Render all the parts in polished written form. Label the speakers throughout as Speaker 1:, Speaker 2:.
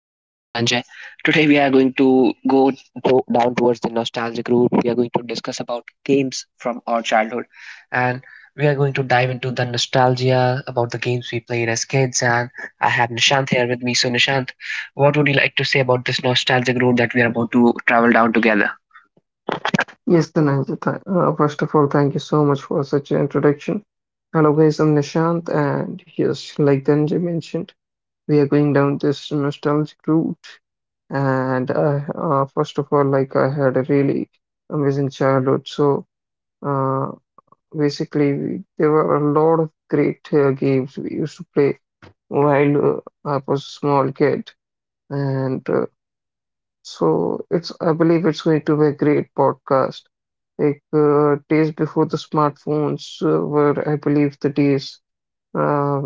Speaker 1: This is Dhananjay. Today we are going to down towards the nostalgic route. We are going to discuss about games from our childhood, and we are going to dive into the nostalgia about the games we played as kids. And I have Nishant here with me. So Nishant, what would you like to say about this nostalgic road that we are about to travel down together?
Speaker 2: Yes, Dhananjay. First of all, thank you so much for such an introduction. Hello, guys. I'm Nishant, and yes, like Dhananjay mentioned, we are going down this nostalgic route. And First of all, like I had a really amazing childhood. So uh, basically, there were a lot of great games we used to play while I was a small kid. And so it's I believe it's going to be a great podcast. Like days before the smartphones were, I believe, the days uh,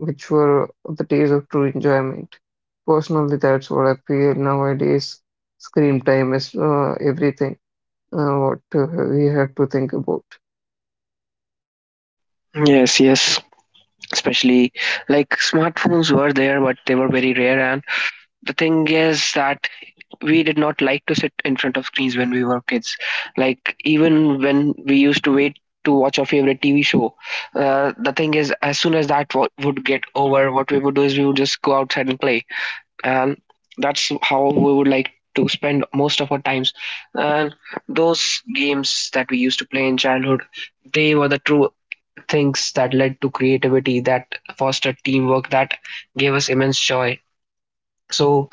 Speaker 2: which were the days of true enjoyment. Personally, that's what I feel nowadays. Screen time is everything. What we have to think about.
Speaker 1: Yes, yes. Especially like smartphones were there, but they were very rare. And the thing is that we did not like to sit in front of screens when we were kids. Like even when we used to wait to watch our favorite TV show, the thing is, as soon as would get over, what we would do is we would just go outside and play, and that's how we would like to spend most of our times. And those games that we used to play in childhood, they were the true things that led to creativity, that fostered teamwork, that gave us immense joy. So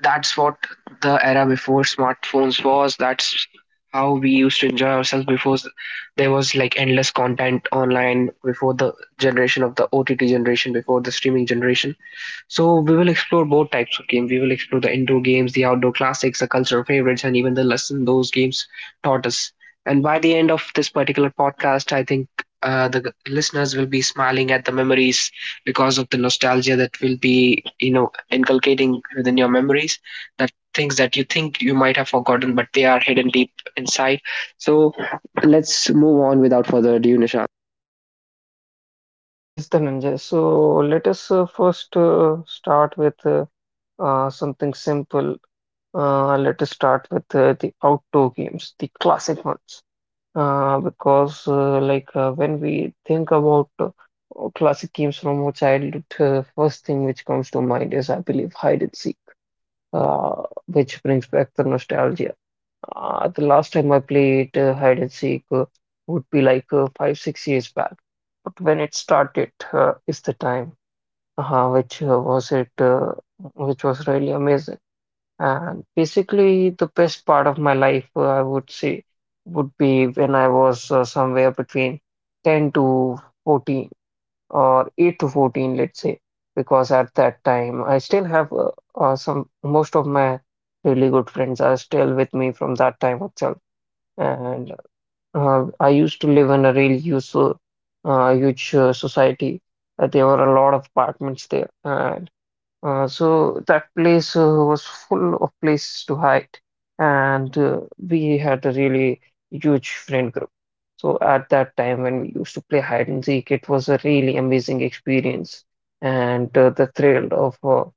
Speaker 1: that's what the era before smartphones was. That's how we used to enjoy ourselves there was like endless content online, before the generation of the OTT generation, before the streaming generation. So we will explore both types of game. We will explore the indoor games, the outdoor classics, the cultural favorites, and even the lesson those games taught us. And by the end of this particular podcast, I think the listeners will be smiling at the memories because of the nostalgia that will be, you know, inculcating within your memories. That things that you think you might have forgotten, but they are hidden deep inside. So let's move on without further ado, Nisha.
Speaker 2: Yes, Dhananjay. So let us first start with something simple. Let us start with the outdoor games, the classic ones. Because like When we think about classic games from our childhood, first thing which comes to mind is, I believe, hide and seek, which brings back the nostalgia. The last time I played hide and seek would be like five, 6 years back. But when it started, is the time uh, which uh, was it, uh, which was really amazing. And basically, the best part of my life, I would say, would be when I was somewhere between 10 to 14 or 8 to 14, let's say, because at that time I still have most of my really good friends are still with me from that time itself. And I used to live in a really useful, huge society. There were a lot of apartments there. So that place was full of places to hide, and we had a really huge friend group. So at that time, when we used to play hide and seek, it was a really amazing experience, and the thrill of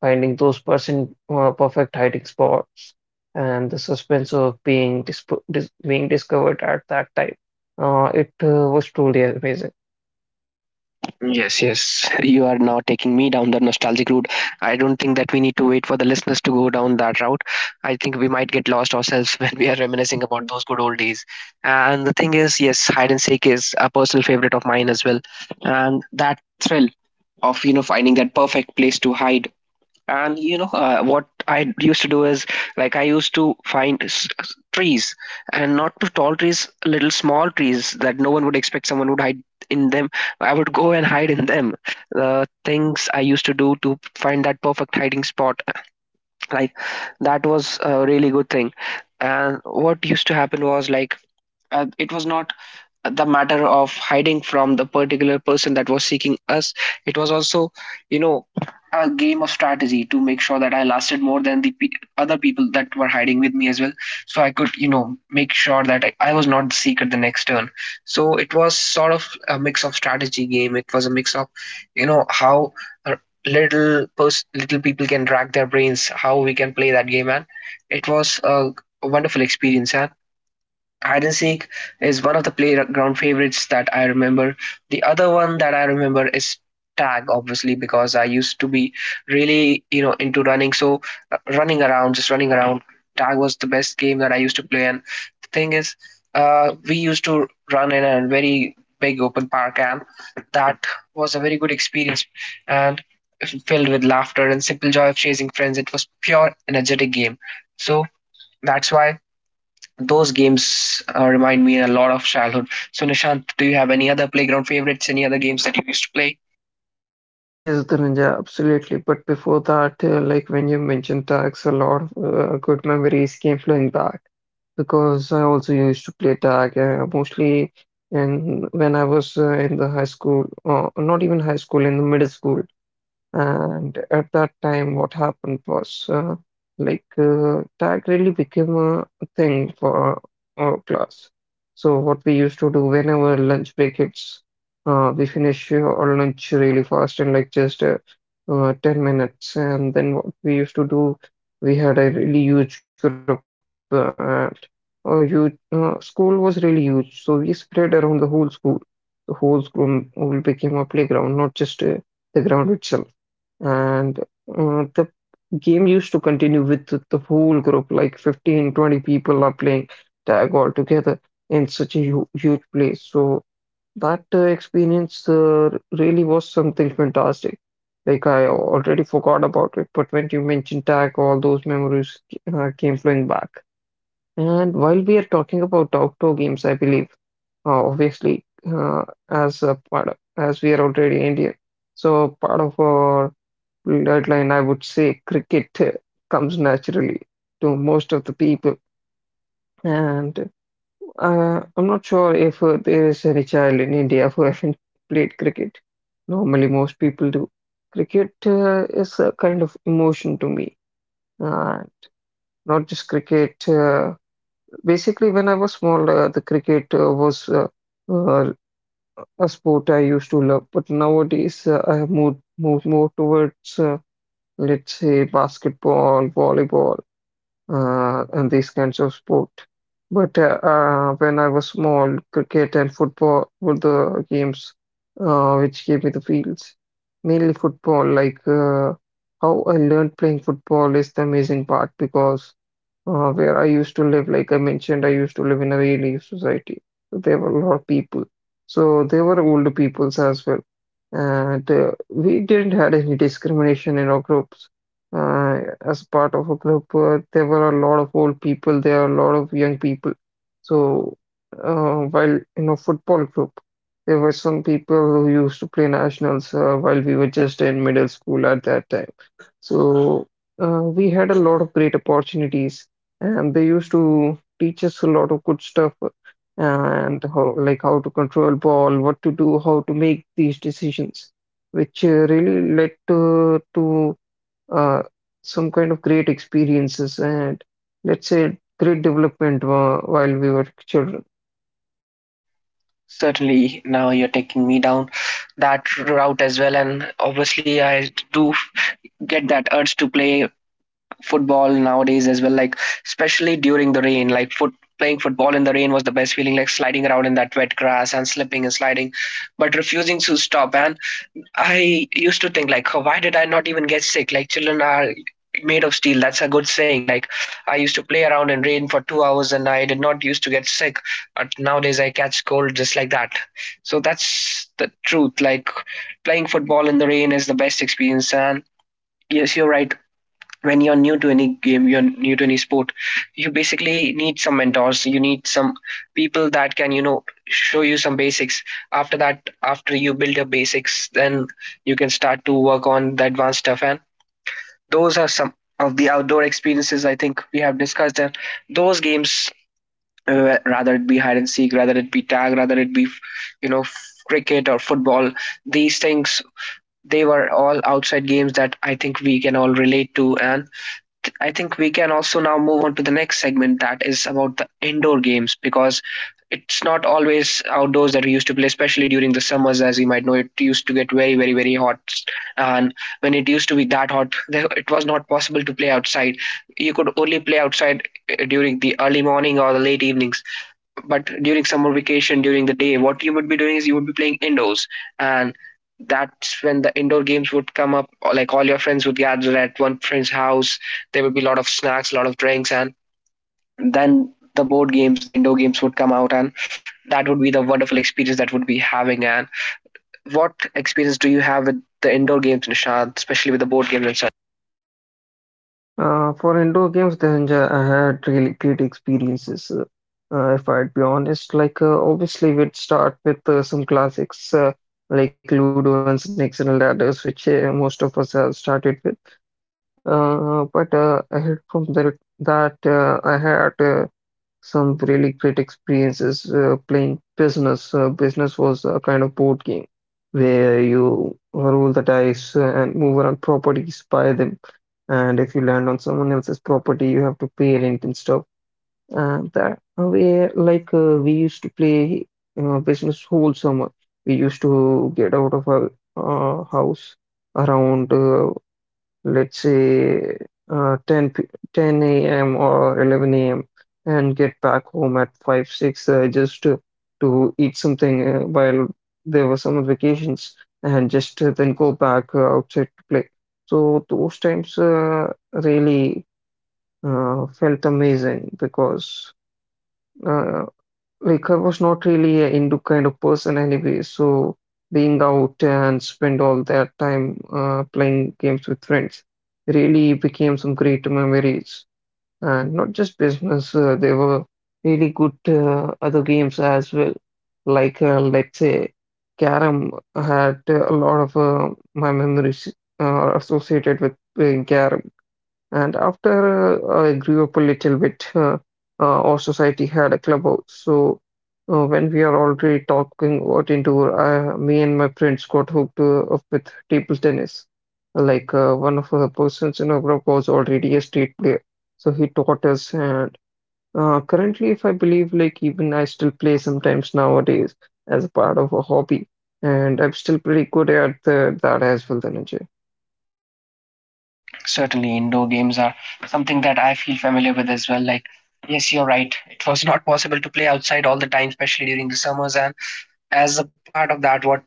Speaker 2: finding those person perfect hiding spots, and the suspense of being discovered at that time. It was truly amazing.
Speaker 1: Yes, yes. You are now taking me down the nostalgic route. I don't think that we need to wait for the listeners to go down that route. I think we might get lost ourselves when we are reminiscing about those good old days. And the thing is, yes, hide and seek is a personal favorite of mine as well. And that thrill of, you know, finding that perfect place to hide, and you know what I used to do is like I used to find trees, and not too tall trees, little small trees that no one would expect someone would hide in them. I would go and hide in them. The things I used to do to find that perfect hiding spot, like that was a really good thing. And what used to happen was like it was not the matter of hiding from the particular person that was seeking us, it was also, you know, a game of strategy to make sure that I lasted more than the other people that were hiding with me as well, so I could, you know, make sure that I was not the seeker the next turn. So it was sort of a mix of strategy game, it was a mix of, you know, how uh, little people can rack their brains how we can play that game. And it was a wonderful experience. And hide and seek is one of the playground favorites that I remember. The other one that I remember is tag, obviously, because I used to be really, you know, into running. So running around, just running around. Tag was the best game that I used to play. And the thing is, we used to run in a very big open park, and that was a very good experience. And filled with laughter and simple joy of chasing friends, it was pure energetic game. So that's why those games remind me a lot of childhood. So, Nishant, do you have any other playground favorites? Any other games that you used to play?
Speaker 2: Yes, Dhananjay, absolutely. But before that, like when you mentioned tags, a lot of good memories came flowing back because I also used to play tag mostly in when I was in the high school, not even high school, in the middle school. And at that time, what happened was like tag really became a thing for our class. So what we used to do whenever lunch break hits, we finish our lunch really fast in like just 10 minutes. And then what we used to do, we had a really huge group. And school was really huge, so we spread around the whole school. The whole school became a playground, not just the ground itself. And the game used to continue with the whole group, like 15, 20 people are playing tag all together in such a hu huge place. So that experience really was something fantastic. Like I already forgot about it, but when you mentioned tag, all those memories came flowing back. And while we are talking about outdoor games, I believe obviously as a part of, as we are already Indian. So part of our deadline, I would say cricket comes naturally to most of the people. And I'm not sure if there is any child in India who hasn't played cricket. Normally, most people do. Cricket is a kind of emotion to me. Uh, Not just cricket. Basically, when I was small, the cricket was uh, a sport I used to love. But nowadays, I have moved more towards, let's say, basketball, volleyball in these kinds of sport. But when I was small, cricket and football were the games which gave me the feels. Mainly football, like how I learned playing football is the amazing part because where I used to live, like I mentioned, I used to live in a relief society. So there were a lot of people. So there were older peoples as well. And we didn't had any discrimination in our groups. As part of a club, there were a lot of old people, there are a lot of young people. So, while in a football group, there were some people who used to play nationals while we were just in middle school at that time. So, we had a lot of great opportunities, and they used to teach us a lot of good stuff and how, like how to control ball, what to do, how to make these decisions, which really led to uh, some kind of great experiences and let's say great development while we were children.
Speaker 1: Certainly, now you're taking me down that route as well. And obviously, I do get that urge to play football nowadays as well, like, especially during the rain. Like, playing football in the rain was the best feeling, like sliding around in that wet grass and slipping and sliding, but refusing to stop. And I used to think like, oh, why did I not even get sick? Like children are made of steel. That's a good saying. Like I used to play around in rain for 2 hours and I did not used to get sick. But nowadays I catch cold just like that. So that's the truth. Like playing football in the rain is the best experience. And yes, you're right. When you're new to any game, you're new to any sport, you basically need some mentors, you need some people that can, you know, show you some basics. After that, after you build your basics, then you can start to work on the advanced stuff. And those are some of the outdoor experiences I think we have discussed. And those games, rather it be hide and seek, rather it be tag, rather it be, you know, cricket or football, these things, they were all outside games that I think we can all relate to. And I think we can also now move on to the next segment that is about the indoor games, because it's not always outdoors that we used to play, especially during the summers. As you might know, it used to get very, very, very hot. And when it used to be that hot, it was not possible to play outside. You could only play outside during the early morning or the late evenings, but during summer vacation, during the day, what you would be doing is you would be playing indoors. And that's when the indoor games would come up, or like all your friends would gather at one friend's house. There would be a lot of snacks, a lot of drinks, and then the board games, the indoor games would come out. And that would be the wonderful experience that would be having. And what experience do you have with the indoor games, Nishad, especially with the board games? And
Speaker 2: For indoor games, I had really great experiences. If I'd be honest, like obviously we'd start with some classics like Ludo and Snakes and Ladders, which most of us have started with. But Ahead from that, I had some really great experiences playing business. Business was a kind of board game where you roll the dice and move around properties, buy them, and if you land on someone else's property, you have to pay rent and stuff. And that way, like we used to play business whole summer. We used to get out of our house around let's say uh, 10, p- 10 a.m. or 11 a.m. and get back home at 5, 6 just to eat something while there were some vacations and just then go back outside to play. So those times really felt amazing because uh, like I was not really a into kind of person anyway, so being out and spend all that time playing games with friends really became some great memories. And not just business, there were really good other games as well. Like let's say, Carrom had a lot of my memories are associated with playing Carrom. And after I grew up a little bit, our society had a clubhouse. So when we are already talking about indoor, me and my friends got hooked up with table tennis. Like one of the persons in our group was already a state player, so he taught us. And currently, if I believe, like even I still play sometimes nowadays as a part of a hobby, and I'm still pretty good at that as well, Dhananjay.
Speaker 1: like, certainly indoor games are something that I feel familiar with as well. Like, yes, you're right. It was not possible to play outside all the time, especially during the summers. And as a part of that, what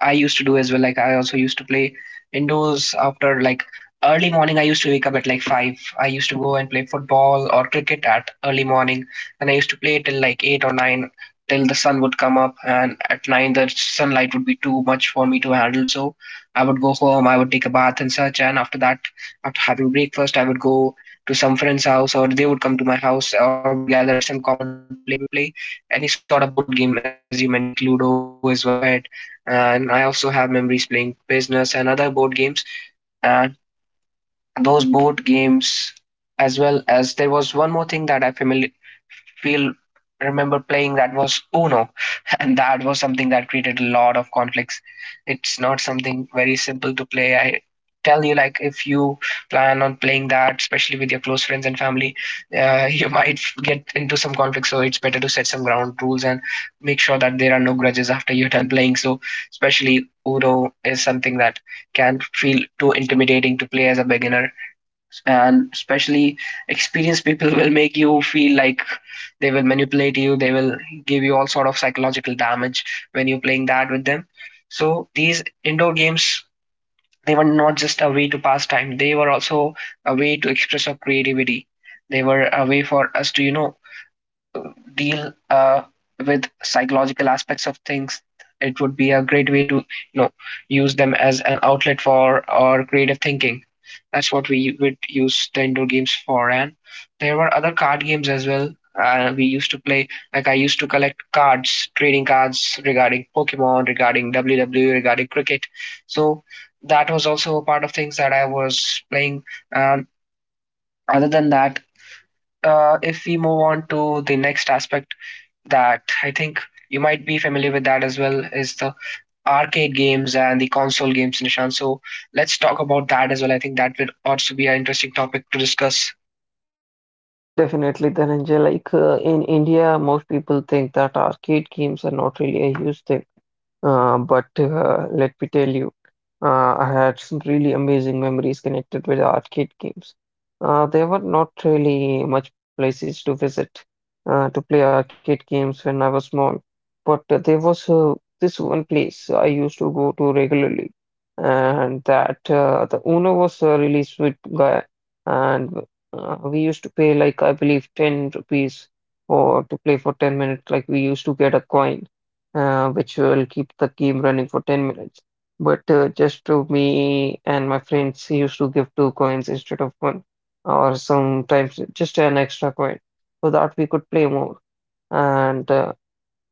Speaker 1: I used to do as well, like I also used to play indoors. After like early morning, I used to wake up at like 5, I used to go and play football or cricket at early morning, and I used to play till like 8 or 9, till the sun would come up, and at 9 the sunlight would be too much for me to handle. So I would go home, I would take a bath and such, and after that, after having breakfast, I would go to some friend's house, or they would come to my house, or we would gather at some common place and we would play any sort of board game, as you mentioned, like Ludo is one part of it. And I also have memories playing business and other board games. And those board games, as well as there was one more thing that I familiar feel remember playing, that was Uno, and that was something that created a lot of conflicts. It's not something very simple to play. I tell you, like if you plan on playing that, especially with your close friends and family, you might get into some conflicts. So it's better to set some ground rules and make sure that there are no grudges after you're done playing. So especially Uno is something that can feel too intimidating to play as a beginner, and especially experienced people will make you feel like they will manipulate you, they will give you all sort of psychological damage when you're playing that with them. So these indoor games, they were not just a way to pass time, they were also a way to express our creativity. They were a way for us to, you know, deal with psychological aspects of things. It would be a great way to, you know, use them as an outlet for our creative thinking. That's what we would use the indoor games for. And there were other card games as well. We used to play, like I used to collect cards, trading cards regarding Pokemon, regarding WWE, regarding cricket. So that was also a part of things that I was playing. um, Other than that, if we move on to the next aspect that I think you might be familiar with that as well, is the arcade games and the console games, Nishan. So let's talk about that as well. I think that would also be an interesting topic to discuss.
Speaker 2: Definitely, Dhananjay. Like in India, most people think that arcade games are not really a huge thing. But Let me tell you, I had some really amazing memories connected with arcade games. There were not really much places to visit to play arcade games when I was small, but there was this one place I used to go to regularly and that the owner was a really sweet guy, and we used to pay like I believe 10 rupees for to play for 10 minutes. Like we used to get a coin, which will keep the game running for 10 minutes. But just to me and my friends used to give two coins instead of one, or sometimes just an extra coin, so that we could play more. And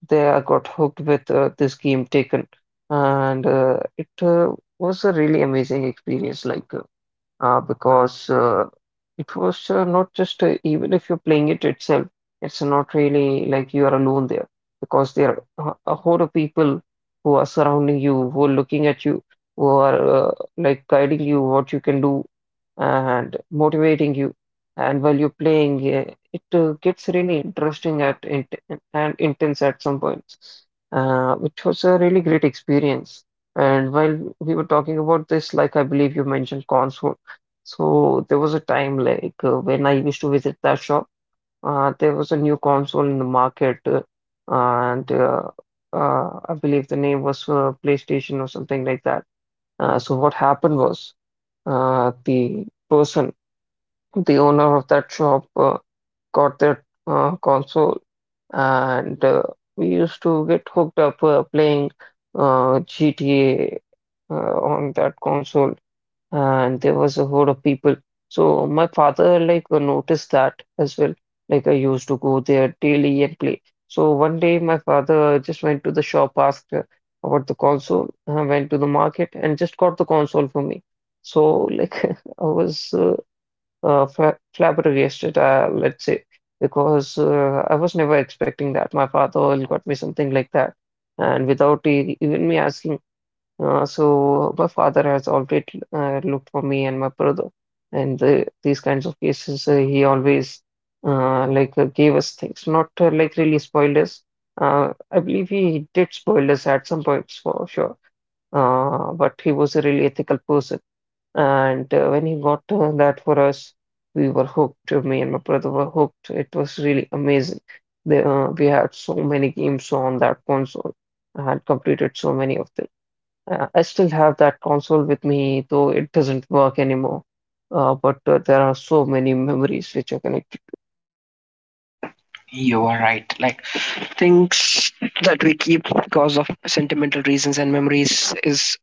Speaker 2: they got hooked with this game Taken, and it was a really amazing experience. Like because It was not just even if you're playing it itself, it's not really like you are alone there because there are a whole of people who are surrounding you, who are looking at you, who are like guiding you what you can do and motivating you. And while you're playing, it gets really interesting at int and intense at some points, which was a really great experience. And while we were talking about this, like I believe you mentioned console. So there was a time like when I used to visit that shop, there was a new console in the market, and I believe the name was PlayStation or something like that. So what happened was the person, the owner of that shop, got that console, and we used to get hooked up playing GTA on that console. Uh, and there was a whole of people. So my father like noticed that as well. Like I used to go there daily and play. So one day my father just went to the shop, asked about the console, went to the market and just got the console for me. So like I was flabbergasted, let's say, because I was never expecting that. My father will got me something like that, and without e even me asking. So my father has always looked for me and my brother, and these kinds of cases, he always gave us things, not like really spoiled us. I believe he did spoil us at some points for sure, but he was a really ethical person, and when he got that for us, we were hooked. Me and my brother were hooked. It was really amazing. We had so many games on that console. I had completed so many of them. I still have that console with me, though it doesn't work anymore. But There are so many memories which are connected.
Speaker 1: You are right. Like things that we keep because of sentimental reasons and memories is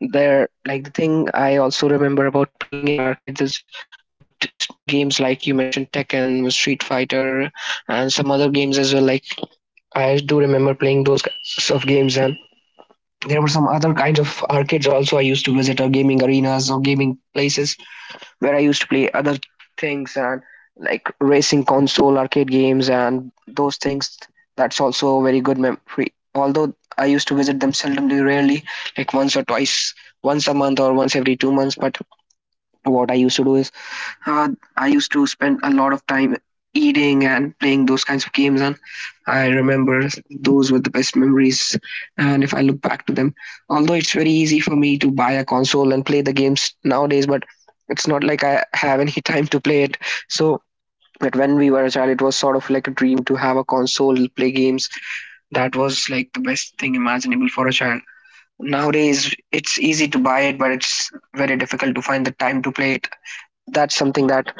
Speaker 1: there. Like the thing I also remember about playing in arcades is about games like you mentioned Tekken, Street Fighter, and some other games as well. Like I do remember playing those kinds of games, and there were some other kinds of arcades also I used to visit, or gaming arenas or gaming places where I used to play other things, and like racing console arcade games and those things. That's also a very good memory, although I used to visit them seldomly, rarely, like once or twice, once a month or once every 2 months. But what I used to do is, uh, I used to spend a lot of time eating and playing those kinds of games, and I remember those were the best memories. And if I look back to them, although it's very easy for me to buy a console and play the games nowadays, but it's not like I have any time to play it. So, but when we were a child, it was sort of like a dream to have a console, play games. That was like the best thing imaginable for a child. Nowadays, it's easy to buy it, but it's very difficult to find the time to play it. That's something that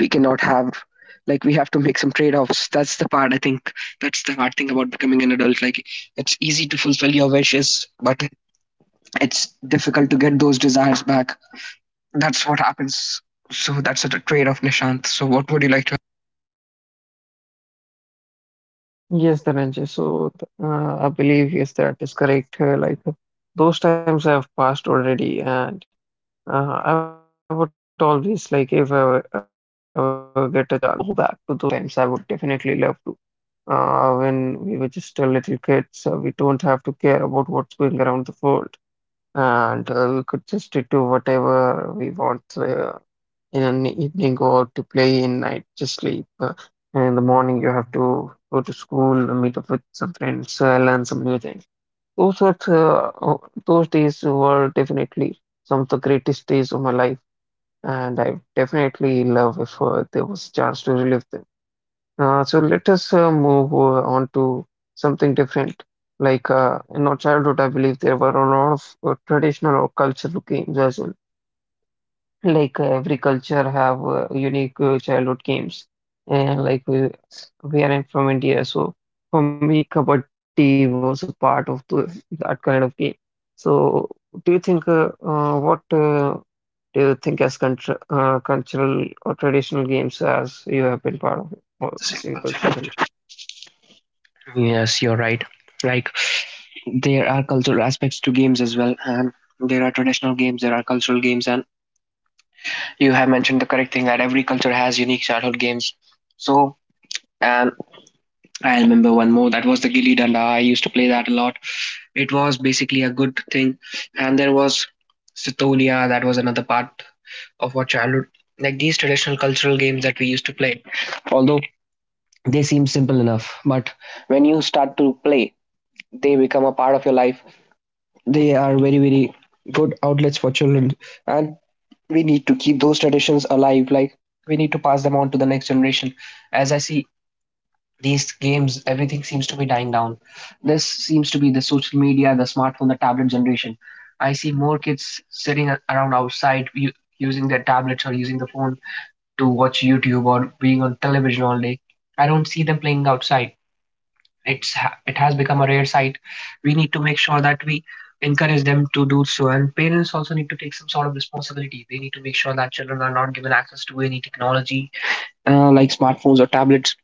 Speaker 1: we cannot have. Like we have to make some trade-offs. That's the part, I think, that's the hard thing about becoming an adult. Like it's easy to fulfill your wishes, but it's difficult to get those desires back. That's what happens. So that's a trade-off, Nishant. So what would you like to?
Speaker 2: Yes, Dhananjay. I believe yes, that is correct. Those times have passed already, and I would always like if I ever get a chance to go back to those times, I would definitely love to. When we were just a little kids, we don't have to care about what's going around the world, and we could just do whatever we want. In an evening go out to play, in night just sleep, and in the morning you have to go to school, meet up with some friends, learn some new things. Those were uh, uh, those days were definitely some of the greatest days of my life, and I definitely love if there was a chance to relive them. So let us move on to something different. In our childhood I believe there were a lot of traditional or cultural games as well. Every culture have unique childhood games, and like we are from India, so for me, kabaddi was a part of that kind of game. So, do you think what do you think as contr cultural or traditional games as you have been part of or the same culture then?
Speaker 1: Yes, you're right. Like there are cultural aspects to games as well, and there are traditional games, there are cultural games, and you have mentioned the correct thing that every culture has unique childhood games. So, and I remember one more. That was the Gilli Danda. I used to play that a lot. It was basically a good thing. And there was Sitolia. That was another part of our childhood. Like these traditional cultural games that we used to play. Although they seem simple enough, but when you start to play, they become a part of your life. They are very, very good outlets for children. And we need to keep those traditions alive. Like we need to pass them on to the next generation. As I see these games, everything seems to be dying down. This seems to be the social media, the smartphone, the tablet generation. I see more kids sitting around outside using their tablets or using the phone to watch YouTube or being on television all day. I don't see them playing outside. It has become a rare sight. We need to make sure that we encourage them to do so, and parents also need to take some sort of responsibility. They need to make sure that children are not given access to any technology, like smartphones or tablets,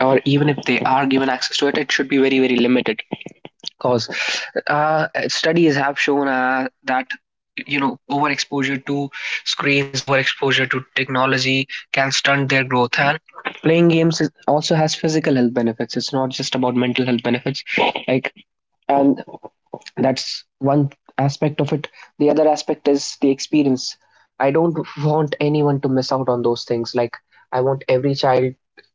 Speaker 1: or even if they are given access to it, it should be very, very limited, because studies have shown that, you know, overexposure to screens, overexposure to technology can stunt their growth, and playing games is, also has physical health benefits. It's not just about mental health benefits. Like, and that's one aspect of it. The other aspect is the experience. I don't want anyone to miss out on those things. Like I want every child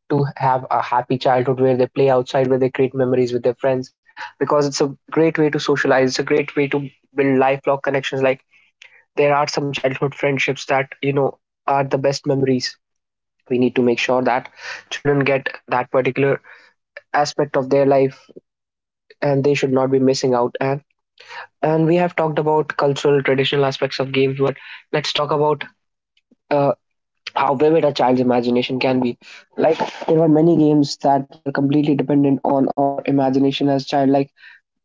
Speaker 1: to have a happy childhood where they play outside, where they create memories with their friends, because it's a great way to socialize, it's a great way to build lifelong connections. Like there are some childhood friendships that, you know, are the best memories. We need to make sure that children get that particular aspect of their life, and they should not be missing out. And we have talked about cultural traditional aspects of games, but let's talk about uh, how vivid a child's imagination can be. Like there were many games that were completely dependent on our imagination as child. Like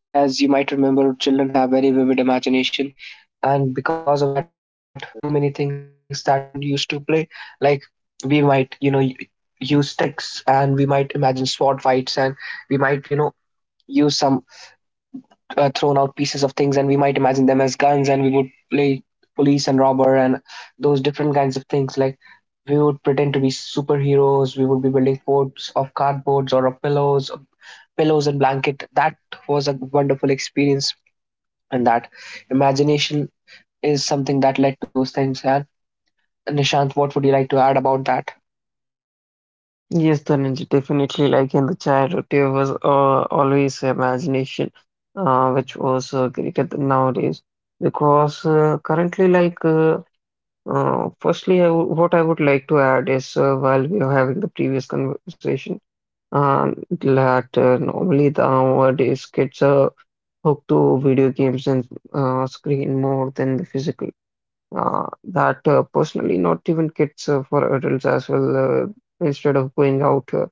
Speaker 1: as you might remember, children have very vivid imagination, and because of that, there were too many things that children used to play. Like we might, you know, use sticks and we might imagine sword fights, and we might, you know, use some thrown out pieces of things, and we might imagine them as guns, and we would play police and robber and those different kinds of things. Like we would pretend to be superheroes. We would be building forts of cardboards or of pillows, and blanket. That was a wonderful experience, and that imagination is something that led to those things. And Nishant, what would you like to add about that?
Speaker 2: Yes, Dhananjay, definitely. Like in the childhood, there was always imagination, which was greater than nowadays. Because currently, firstly, I w what I would like to add is while we were having the previous conversation, uh, that normally the nowadays kids are hooked to video games and screen more than the physical. That Personally, not even kids, for adults as well, instead of going out, uh,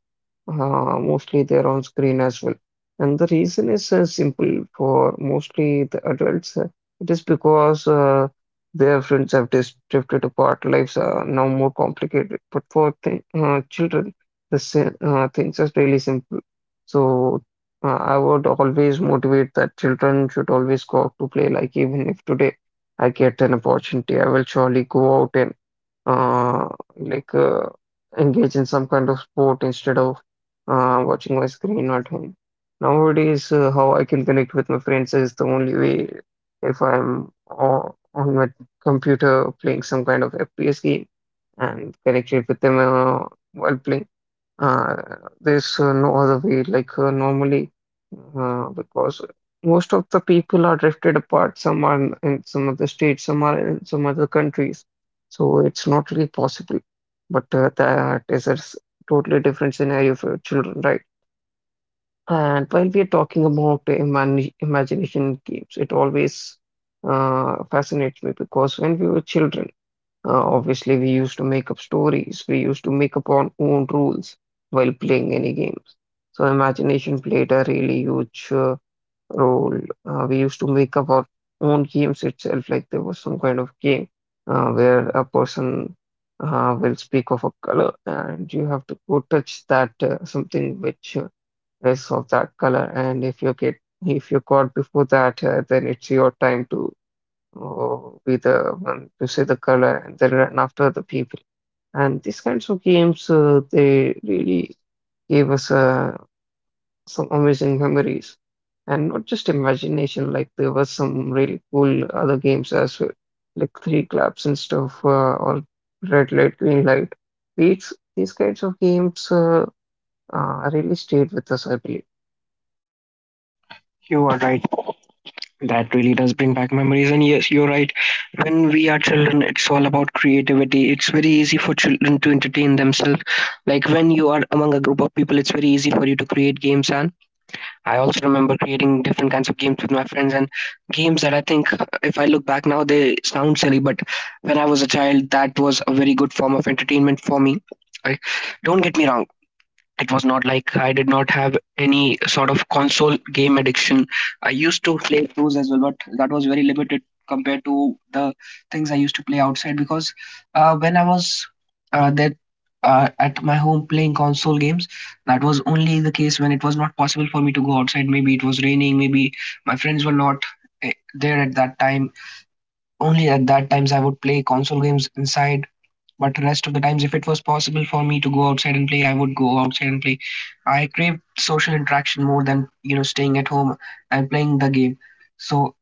Speaker 2: uh, mostly they're on screen as well, and the reason is simple for mostly the adults. It is because their friends have dis drifted apart, lives are now more complicated. But for th children, things are really simple. So I would always motivate that children should always go out to play. Like, even if today I get an opportunity, I will surely go out and uh, like uh, engage in some kind of sport instead of watching my screen at home. Nowadays, how I can connect with my friends is the only way if on my computer playing some kind of FPS game and connected with them while playing. Uh, there's no other way, like normally, because most of the people are drifted apart. Some are in some other states, some are in some other countries. So it's not really possible. But that is a totally different scenario for children, right? And while we are talking about the imagination games, it always fascinates me because when we were children, obviously, we used to make up stories, we used to make up our own rules while playing any games. So, imagination played a really huge role. We used to make up our own games itself. Like there was some kind of game where a person will speak of a color, and you have to go touch that something which is of that color. And if you caught before that, then it's your time to, or be the one to say the color and then run after the people. And these kinds of games, they really gave us some amazing memories. And not just imagination, like there was some really cool other games as well, like Three Claps and stuff, or Red Light, Green Light. These kinds of games really stayed with us, I believe.
Speaker 1: You are right. That really does bring back memories. And yes, you're right. When we are children, it's all about creativity. It's very easy for children to entertain themselves. Like when you are among a group of people, it's very easy for you to create games. And I also remember creating different kinds of games with my friends, and games that I think, if I look back now, they sound silly. But when I was a child, that was a very good form of entertainment for me. I, don't get me wrong, it was not like I did not have any sort of console game addiction. I used to play those as well, but that was very limited compared to the things I used to play outside. Because when I was that at my home playing console games, that was only the case when it was not possible for me to go outside. Maybe it was raining, maybe my friends were not there at that time. Only at that times I would play console games inside, but rest of the times, if it was possible for me to go outside and play, I would go outside and play. I craved social interaction more than, you know, staying at home and playing the game. So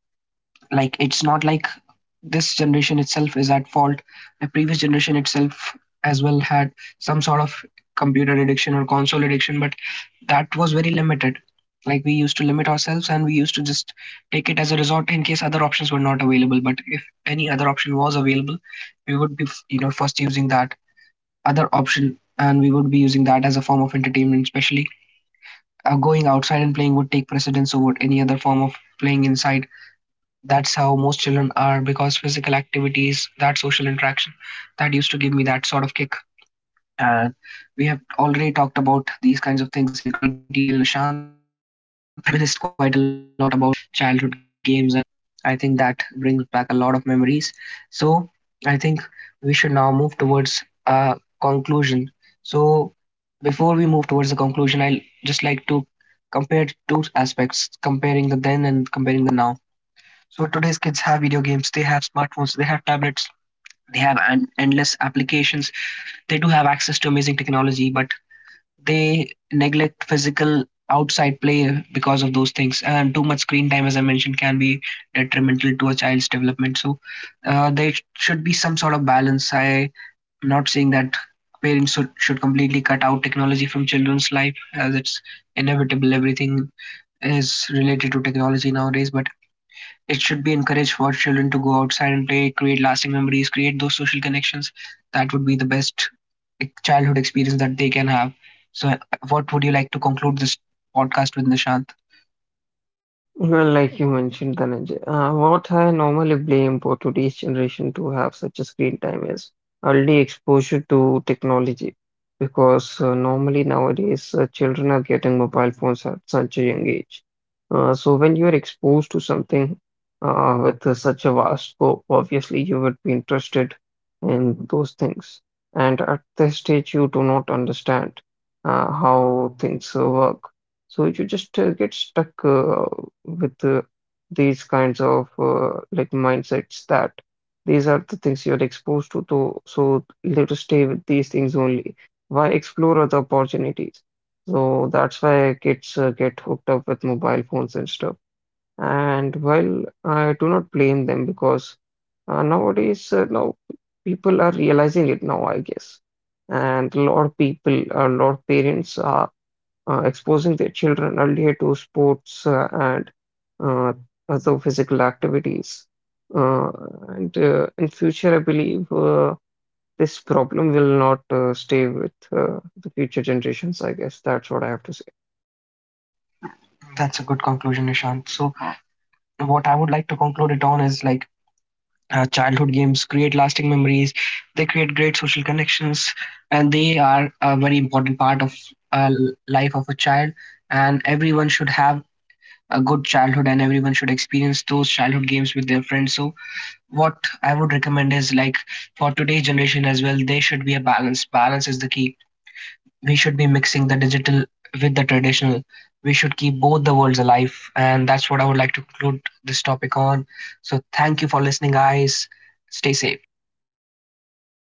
Speaker 1: like it's not like this generation itself is at fault. The previous generation itself as well had some sort of computer addiction or console addiction, but that was very limited. Like we used to limit ourselves, and we used to just take it as a resort in case other options were not available. But if any other option was available, we would be, you know, first using that other option, and we would be using that as a form of entertainment. Especially going outside and playing would take precedence over any other form of playing inside. That's how most children are, because physical activities, that social interaction, that used to give me that sort of kick. And we have already talked about these kinds of things in great detail, Nishant. And we have reminisced quite a lot about childhood games. And I think that brings back a lot of memories. So I think we should now move towards a conclusion. So before we move towards the conclusion, I'll just like to compare two aspects, comparing the then and comparing the now. So today's kids have video games, they have smartphones, they have tablets, they have an endless applications, they do have access to amazing technology, but they neglect physical outside play because of those things, and too much screen time, as I mentioned, can be detrimental to a child's development. So there should be some sort of balance. I'm not saying that parents should completely cut out technology from children's life, as it's inevitable, everything is related to technology nowadays. But it should be encouraged for children to go outside and play, create lasting memories, create those social connections. That would be the best childhood experience that they can have. So, what would you like to conclude this podcast with, Nishant?
Speaker 2: Well, like you mentioned, Dhananjay, what I normally blame for today's generation to have such a screen time is early exposure to technology. Because normally nowadays, children are getting mobile phones at such a young age. So when you are exposed to something with such a vast scope, obviously you would be interested in those things. And at this stage, you do not understand how things work. So you just get stuck with these kinds of like mindsets, that these are the things you're exposed to, so let us stay with these things only. Why explore other opportunities? So that's why kids get hooked up with mobile phones and stuff. And while I do not blame them because now people are realizing it now, I guess. And a lot of people, a lot of parents are exposing their children earlier to sports and uh, other physical activities. Uh, and In future, I believe this problem will not stay with the future generations. I guess that's what I have to say.
Speaker 1: That's a good conclusion, Nishant. So, what I would like to conclude it on is like, childhood games create lasting memories, they create great social connections, and they are a very important part of uh, life of a child. And everyone should have a good childhood, and everyone should experience those childhood games with their friends. So, what I would recommend is like, for today's generation as well, there should be a balance. Balance is the key. We should be mixing the digital with the traditional. We should keep both the worlds alive. And that's what I would like to conclude this topic on. So thank you for listening, guys. Stay safe.